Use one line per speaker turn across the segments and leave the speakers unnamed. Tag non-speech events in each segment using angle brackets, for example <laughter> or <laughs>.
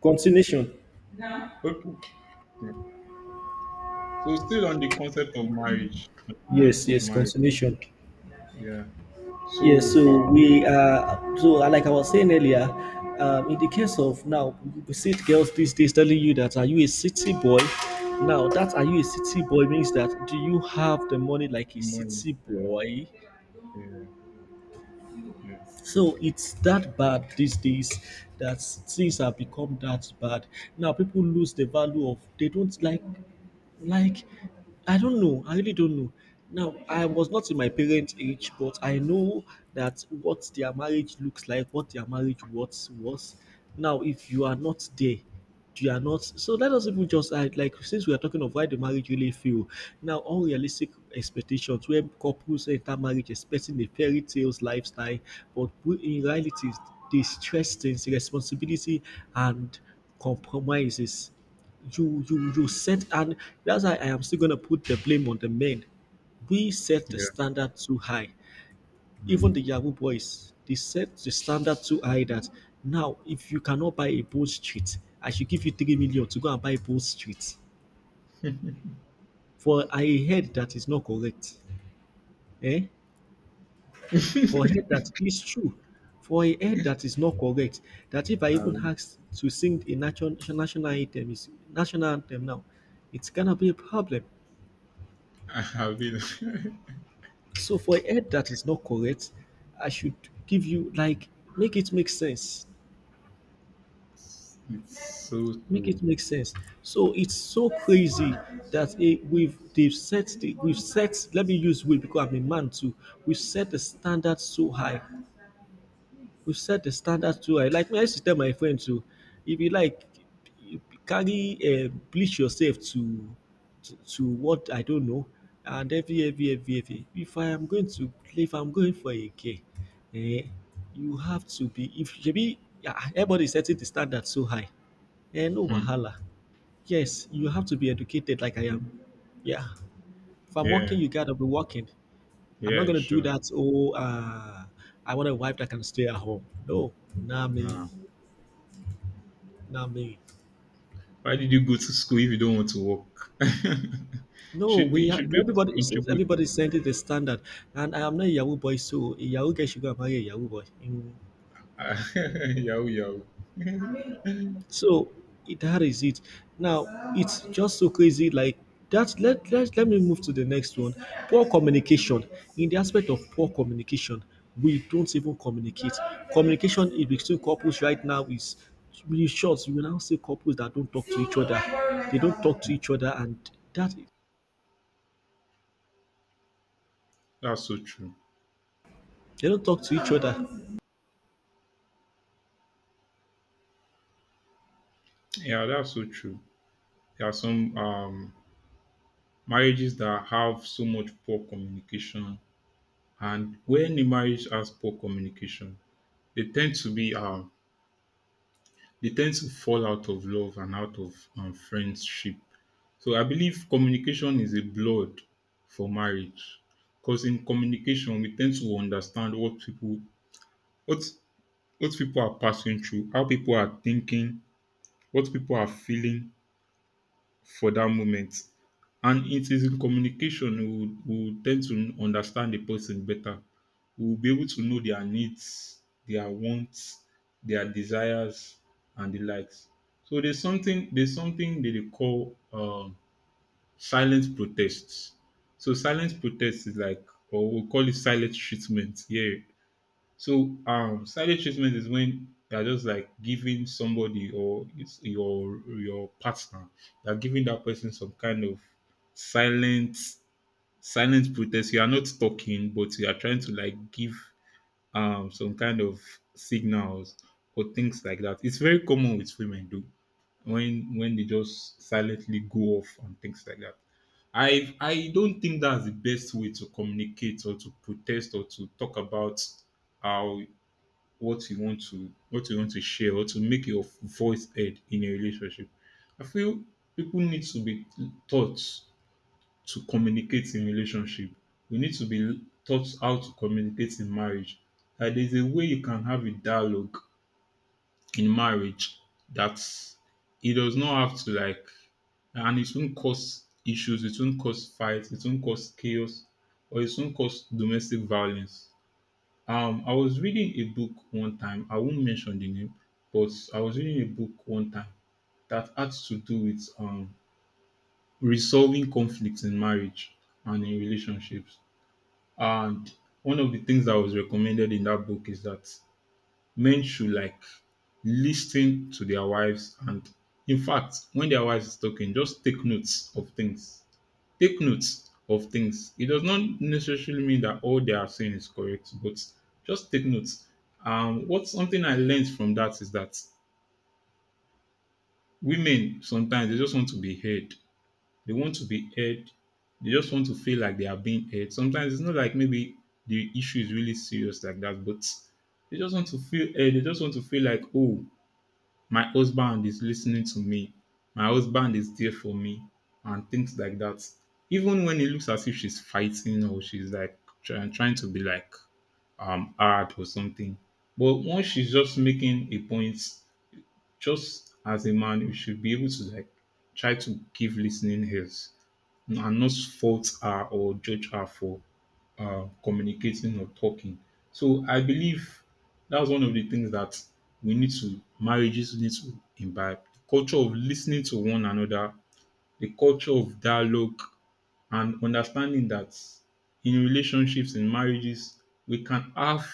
Continuation.
Okay. Yeah. So still on the concept of marriage, on the
Yes,
point of
yes,
marriage,
continuation.
yeah.
Yes,
So
so
um,
we are, so uh, like I was saying earlier, in the case of now, we see girls these days telling you that, are you a city boy? Now, that are you a city boy means that, do you have the money like a
money,
city boy?
yeah, yeah,
So it's that bad these days that things have become that bad. Now people lose the value of they don't like Like, I don't know. I really don't know. Now, I was not in my parents' age, but I know that what their marriage looks like, what their marriage was. Now, if you are not there, you are not. So let us even just add, like, since we are talking of why the marriage really fail. Now, unrealistic expectations where couples enter marriage expecting a fairy tales lifestyle, in reality, the stress things, responsibility, and compromises you set, and that's why I am still gonna put the blame on the men. We set the
yeah.
standard too high. Even
Hmm.
the Yahoo boys, they set the standard too high that now if you cannot buy a boat street, I should give you 3 million to go and buy a boat street. For a head that is not correct. Eh? For a head that is true. For a head that is not correct. That if I even
Um,
ask to sing a national anthem, is national anthem now, it's gonna be a problem.
<laughs> I have been. <laughs>
So for a head that is not correct, I should give you, like, make it make sense.
It's so
Make
so.
it make sense. So it's so crazy that we've set let me use will because I'm a man too. We've set the standard so high, we set the standard too high. Like me, I used to tell my friends too, if you like, you carry bleach yourself to, to what I don't know, and every. If I am going to if I'm going for a gay, eh, you have to be. If maybe everybody is setting the standard so high, eh, no
Hmm.
wahala. Yes, you have to be educated like I am. Yeah, if I'm working,
Yeah,
you gotta be working. I'm not
yeah,
gonna do
sure.
that. Oh, I want a wife that can stay at home. No, not me,
Yeah.
not me.
Why did you go to school if you don't want to work? <laughs>
No,
should be
we are,
should be able to
everybody. It seems
contribute.
everybody sent it the standard, and I am not a Yahoo boy, so a Yahoo girl should go and marry a Yahoo boy. Mm.
Ah, <laughs> yahoo yahoo. <laughs>
So that is it. Now it's just so crazy. Like that. Let me move to the next one. Poor communication. In the aspect of poor communication, we don't even communicate. Communication in between couples right now is really short. You will now see couples that don't talk to each other. They don't talk to each other, and that
That's so true.
they don't talk to each other.
Yeah, that's so true. There are some marriages that have so much poor communication, and when a marriage has poor communication, they tend to be they tend to fall out of love and out of friendship. So I believe communication is a blood for marriage, because in communication we tend to understand what what people are passing through, how people are thinking, what people are feeling, for that moment. And it is in communication we will tend to understand the person better. We will be able to know their needs, their wants, their desires, and the likes. So there's something that they call silent protests. So silent protests is like, or we call it silent treatment. Yeah, so silent treatment is when they're just like giving somebody, or it's your partner, they're giving that person some kind of silent silent protest. You are not talking, but you are trying to like give some kind of signals or things like that. It's very common with women though, when they just silently go off and things like that. I don't think that's the best way to communicate or to protest or to talk about how what you want to share, or to make your voice heard in a relationship. I feel people need to be taught to communicate in relationship. We need to be taught how to communicate in marriage. Like, there's a way you can have a dialogue in marriage that it does not have to like and it won't cause issues, it won't cause fights, it won't cause chaos, or it won't cause domestic violence. I was reading a book one time. I won't mention the name, but I was reading a book one time that had to do with resolving conflicts in marriage and in relationships. And one of the things that was recommended in that book is that men should like listen to their wives, and in fact, when their wives is talking, just take notes of things. It does not necessarily mean that all they are saying is correct, but just take notes. What something I learned from that is that women sometimes they just want to be heard. They want to be heard. They just want to feel like they are being heard. Sometimes it's not like maybe the issue is really serious like that, but they just want to feel heard. They just want to feel like, oh, my husband is listening to me. My husband is there for me and things like that. Even when it looks as if she's fighting or she's like trying to be like hard or something. But once she's just making a point, just as a man, you should be able to like try to give listening ears and not fault her or judge her for communicating or talking. So I believe that's one of the things that we need to marriages need to imbibe the culture of listening to one another, the culture of dialogue, and understanding that in relationships, in marriages, we can have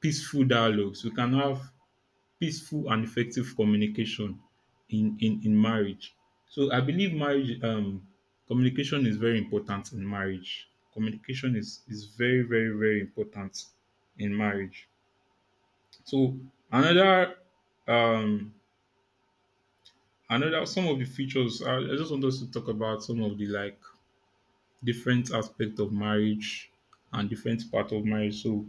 peaceful dialogues, we can have peaceful and effective communication in marriage. So I believe marriage communication is very important in marriage. Communication is very important in marriage. So another um another some of the features I just want us to talk about some of the like different aspect of marriage and different part of marriage. So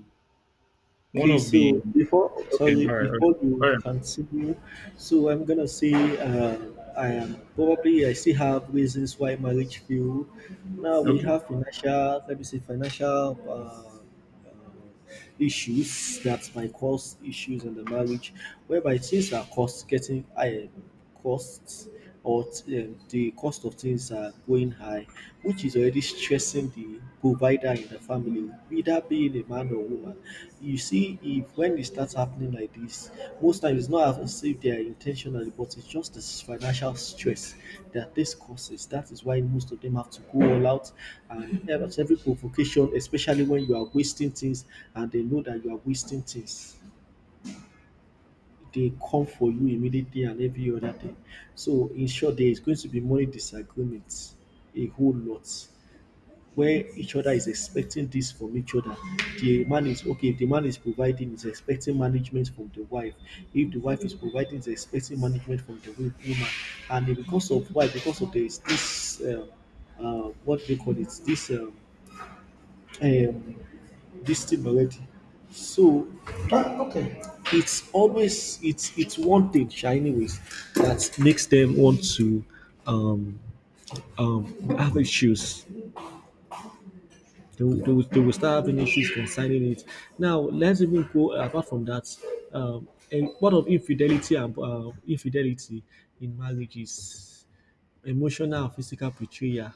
one
Okay,
of the
so before,
okay,
sorry, before
all
you
right.
continue, so I'm gonna say, I am probably I still have reasons why marriage failed. Now we
Okay,
have financial, let me say financial issues that might cause issues in the marriage, whereby things are cost getting higher costs or the cost of things are going high, which is already stressing the provider in the family, either being a man or woman. You see, if when it starts happening like this, most times it's not as if they are intentionally, but it's just this financial stress that this causes. That is why most of them have to go all out and help at every provocation, especially when you are wasting things, and they know that you are wasting things, they come for you immediately and every other thing. So in short, there is going to be money disagreements a whole lot where each other is expecting this from each other. The man is okay, if the man is providing, is expecting management from the wife. If the wife is providing, is expecting management from the woman. And then because of why, because of there is this what do you call it, this um, this thing already. So Ah, okay. it's always it's one thing, sha, anyways, that makes them want to um um have issues. They will start having issues concerning it. Now let's even go apart from that. And what of infidelity, and infidelity in marriages, emotional and physical betrayal.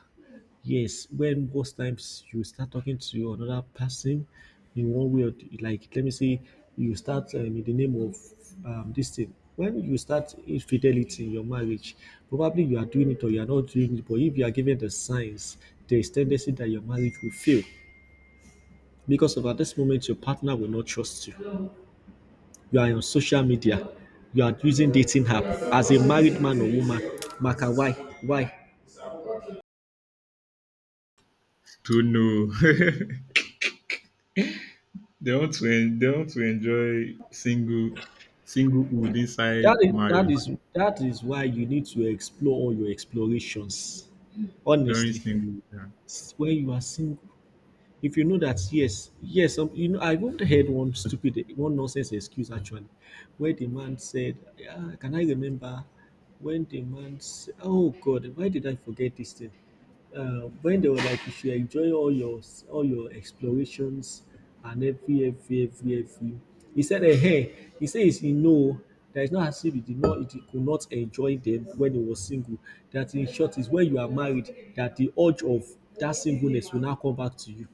Yes, when most times you start talking to another person in one way or the, like let me say you start in the name of this thing. When you start infidelity in your marriage, probably you are doing it or you are not doing it. But if you are given the signs, there is tendency that your marriage will fail because of at this moment your partner will not trust you. You are on social media, you are using dating app as a married man or woman. Maka, why, why?
don't know. <laughs> They want to they want to enjoy singlehood
That
inside marriage
is why you need to explore all your explorations.
during
Honestly,
singlehood. Yeah.
when you are single, if you know that, yes, yes, some, you know, I even heard one stupid, one nonsense excuse actually, where the man said, ah, "Can I remember when the man? Said, oh God, why did I forget this thing?" When they were like, you should enjoy all your explorations and every. He said, "Eh, hey, he says he know that it's not as if he could not enjoy them when he was single. That in short is when you are married, that the urge of that singleness will now come back to you.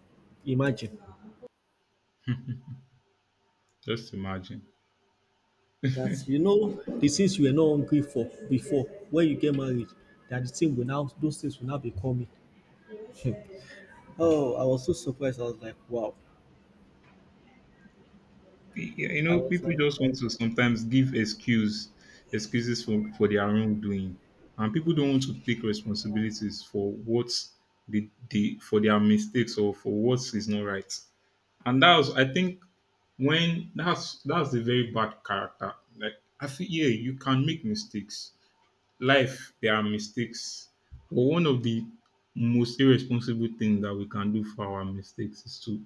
Imagine
Just imagine.
that you know the things you were not hungry for before when you get married, that the thing will now those things will now be coming. <laughs> Oh, I was so surprised. I was like, wow.
Yeah, you
I
know,
was
people
like,
just want to sometimes give excuses for their wrongdoing, and people don't want to take responsibilities for what they for their mistakes or for what is not right. And that was, I think, when that's the very bad character. Like, I feel, yeah, you can make mistakes, life there are mistakes, but one of the most irresponsible things that we can do for our mistakes is to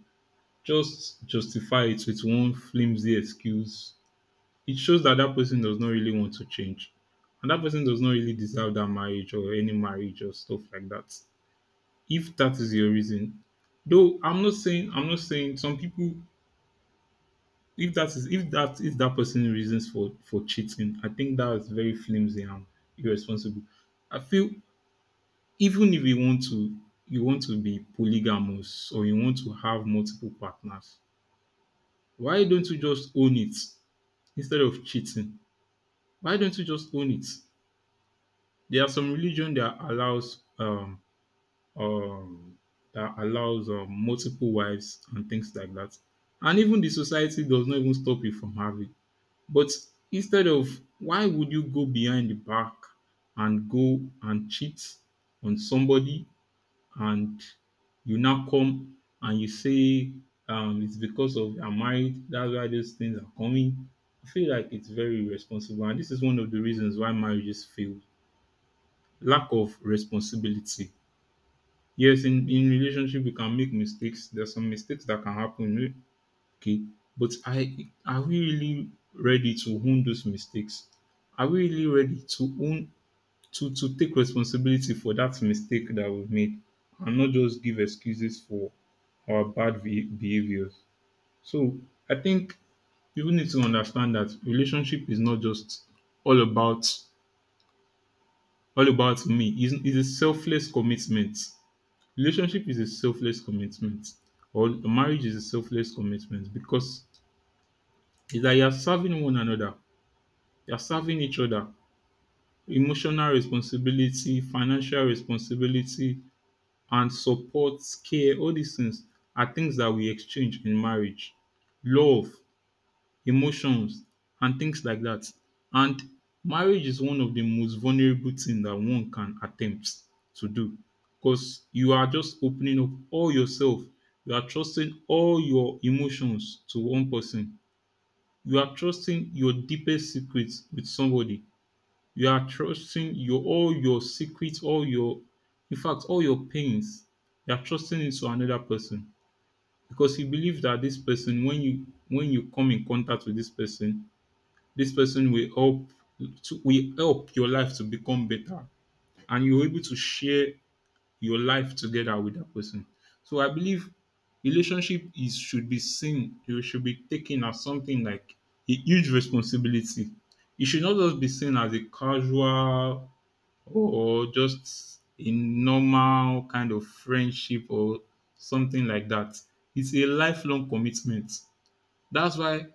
just justify it with one flimsy excuse. It shows that that person does not really want to change. And that person does not really deserve that marriage or any marriage or stuff like that. If that is your reason, though, I'm not saying some people. If that is that person's reasons for cheating, I think that is very flimsy and irresponsible. I feel, even if you want to you want to be polygamous, or you want to have multiple partners, why don't you just own it instead of cheating? Why don't you just own it? There are some religion um that allows multiple wives and things like that. And even the society does not even stop you from having. But instead of why would you go behind the back and go and cheat on somebody, and you now come and you say, it's because of I'm married, that's why those things are coming. I feel like it's very irresponsible, and this is one of the reasons why marriages fail. Lack of responsibility. Yes, in relationship we can make mistakes. There's some mistakes that can happen. Okay, but I are we really ready to own those mistakes? Are we really ready to own to take responsibility for that mistake that we've made, and not just give excuses for or bad behaviors. So I think people need to understand that relationship is not just all about all about me. It's a selfless commitment. Relationship is a selfless commitment, or marriage is a selfless commitment, because it's that you are serving one another, you are serving each other, emotional responsibility, financial responsibility, and support, care. All these things are things that we exchange in marriage. Love, emotions and things like that. And marriage is one of the most vulnerable things that one can attempt to do, because you are just opening up all yourself. You are trusting all your emotions to one person. You are trusting your deepest secrets with somebody. You are trusting your all your secrets, all your, in fact, all your pains. You are trusting it to another person, because you believe that this person, when you come in contact with this person will help your life to become better, and you're able to share your life together with that person. So I believe relationship is should be seen, it should be taken as something like a huge responsibility. It should not just be seen as a casual or just a normal kind of friendship or something like that. It's a lifelong commitment. That's why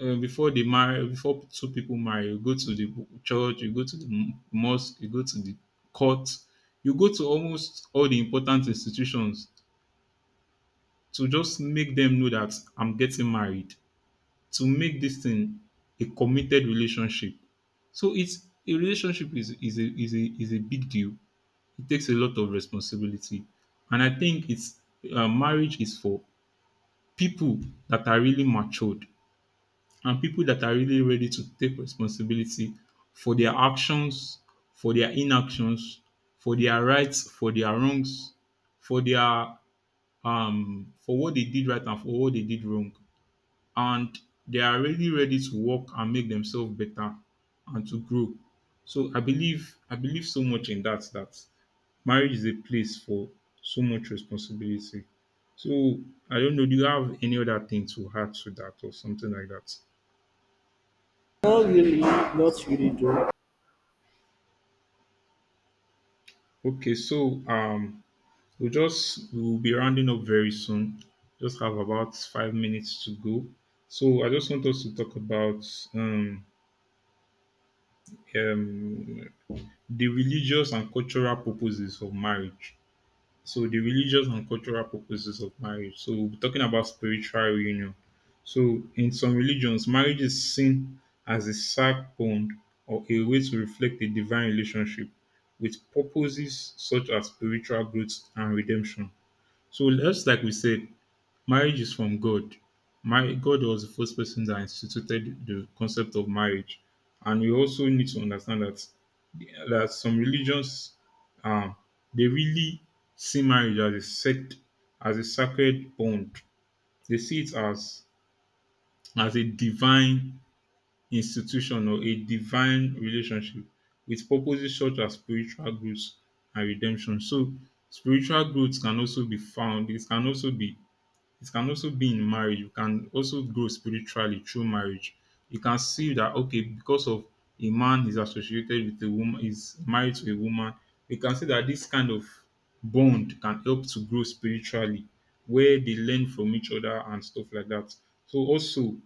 before they marry, before two people marry, you go to the church, you go to the mosque, you go to the court, you go to almost all the important institutions to just make them know that I'm getting married, to make this thing a committed relationship. So it's a relationship is a is a big deal. It takes a lot of responsibility, and I think it's marriage is for people that are really matured, and people that are really ready to take responsibility for their actions, for their inactions, for their rights, for their wrongs, for their for what they did right and for what they did wrong. And they are really ready to work and make themselves better and to grow. So I believe so much in that, that marriage is a place for so much responsibility. So I don't know, do you have any other thing to add to that or something like that?
Not really, not really though.
Okay, so we'll just we'll be rounding up very soon. Just have about 5 minutes to go. So I just want us to talk about um, um, the religious and cultural purposes of marriage. So the religious and cultural purposes of marriage. So we'll be talking about spiritual union. So in some religions, marriage is seen as a sacred bond or a way to reflect a divine relationship with purposes such as spiritual growth and redemption. So just like we said, marriage is from God. My God was the first person that instituted the concept of marriage, and we also need to understand that some religions, um, they really see marriage as a sect, as a sacred bond. They see it as a divine institution or a divine relationship with purposes such as spiritual growth and redemption. So spiritual growth can also be found. It can also be in marriage. You can also grow spiritually through marriage. You can see that okay, because of a man is associated with a woman, is married to a woman. You can see that this kind of bond can help to grow spiritually, where they learn from each other and stuff like that. So also,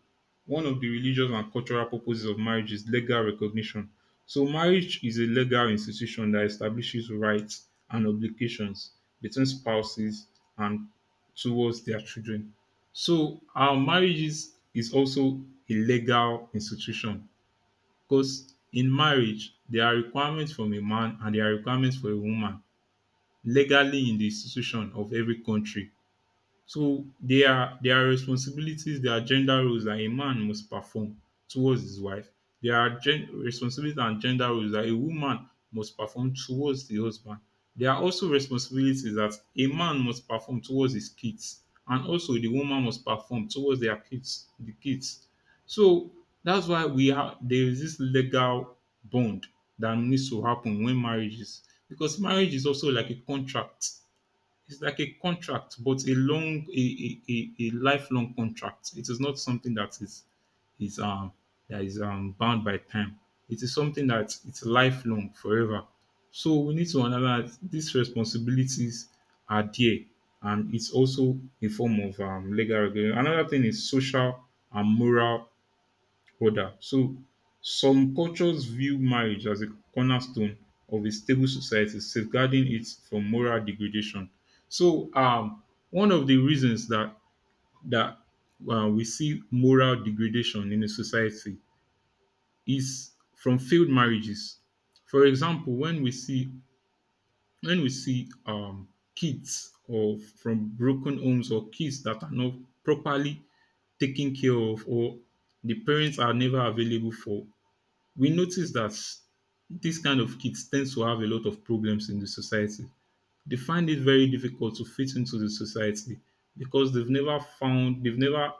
one of the religious and cultural purposes of marriage is legal recognition. So marriage is a legal institution that establishes rights and obligations between spouses and towards their children. So our marriages is also a legal institution because in marriage there are requirements from a man and there are requirements for a woman legally in the institution of every country, so there are responsibilities, there are gender roles that a man must perform towards his wife. There are responsibilities and gender roles that a woman must perform towards the husband. There are also responsibilities that a man must perform towards his kids, and also the woman must perform towards their kids, the kids. So that's why we have there is this legal bond that needs to happen when marriage is, because marriage is also like a contract, it's like a contract, but a long, a lifelong contract. It is not something that is that is bound by time. It is something that it's lifelong, forever. So we need to analyze these responsibilities are there, and it's also a form of legal regulation. Another thing is social and moral Brother, so some cultures view marriage as a cornerstone of a stable society, safeguarding it from moral degradation. So, one of the reasons that that we see moral degradation in a society is from failed marriages. For example, when we see when we see um, kids or from broken homes or kids that are not properly taken care of or the parents are never available for, we notice that this kind of kids tends to have a lot of problems in the society. They find it very difficult to fit into the society because they've never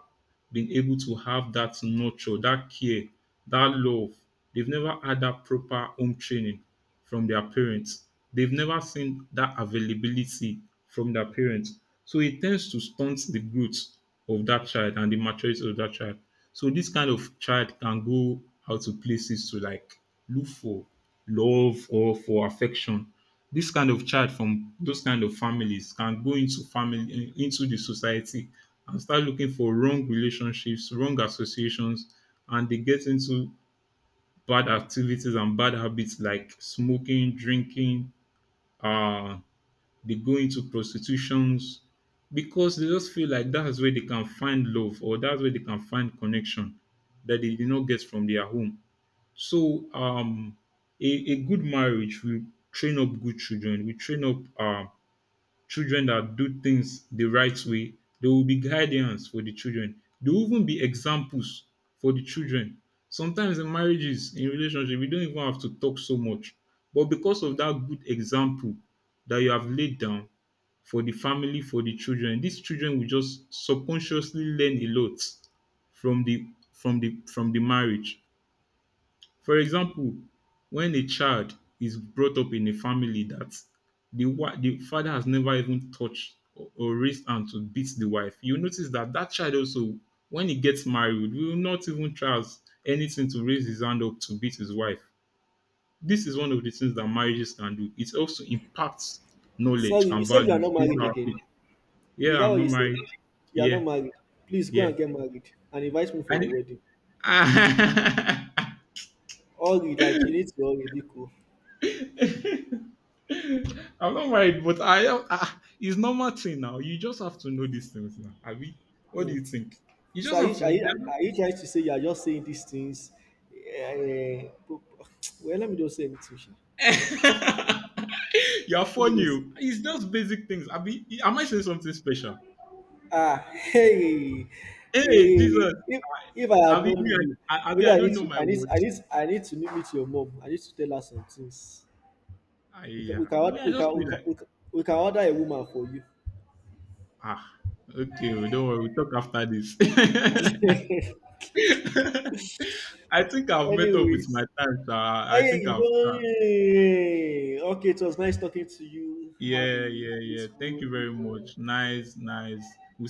been able to have that nurture, that care, that love. They've never had that proper home training from their parents. They've never seen that availability from their parents. So it tends to stunt the growth of that child and the maturity of that child. So this kind of child can go out to places to like look for love or for affection. This kind of child from those kind of families can go into family into the society and start looking for wrong relationships, wrong associations, and they get into bad activities and bad habits like smoking, drinking. Uh, they go into prostitutions because they just feel like that's where they can find love or that's where they can find connection that they did not get from their home. So, a good marriage will train up good children, will train up children that do things the right way. There will be guidance for the children. There will even be examples for the children. Sometimes in marriages, in relationship, we don't even have to talk so much. But because of that good example that you have laid down for the family, for the children, these children will just subconsciously learn a lot from the marriage. For example, when a child is brought up in a family that the father has never even touched or raised hand to beat the wife, you notice that that child also, when he gets married, will not even try as anything to raise his hand up to beat his wife. This is one of the things that marriages can do. It also impacts knowledge
Sorry, you
and
said you are
values
not
into
married
our
again.
kids.
Is
Yeah,
that
I'm
what
not
you said?
married.
You are
Yeah,
not married. Please go
yeah.
and get married and invite me for
And
your
it,
wedding.
<laughs>
Hurry, like, you need to hurry, be cool.
I'm not worried, but I am. Ah, ah, it's normal thing now. You just have to know these things now. Abi, what do
Mm.
you think? You
So
just
are you,
have to.
are you trying to say you are just saying these things? Eh, bu- <tsk> well, let me just say anything. Sha.
<laughs> You're
Let me
funny.
just say.
Oh. It's just basic things. Abi, am I saying something special?
Ah, hey,
Hey,
hey.
Jesus.
If I had
Abi, me,
known you,
I, Abi,
maybe
I
I
don't
need
know
to,
my words.
I need to meet your mom. I need to tell her some things.
I,
We
yeah.
can
Me,
order,
I
we
just
can
feel
we can,
like
we can, We can order a woman for you.
ah, okay. Oh, don't worry. We'll talk after this. <laughs>
<laughs>
I think I've met up with my
Anyways,
time. Sha. I
hey,
think
you
I've.
don't- hey. Okay. It was nice talking to you. Have
Yeah,
a
yeah, yeah. Thank
blissful
you very
evening.
much.
Yeah.
Nice, nice. We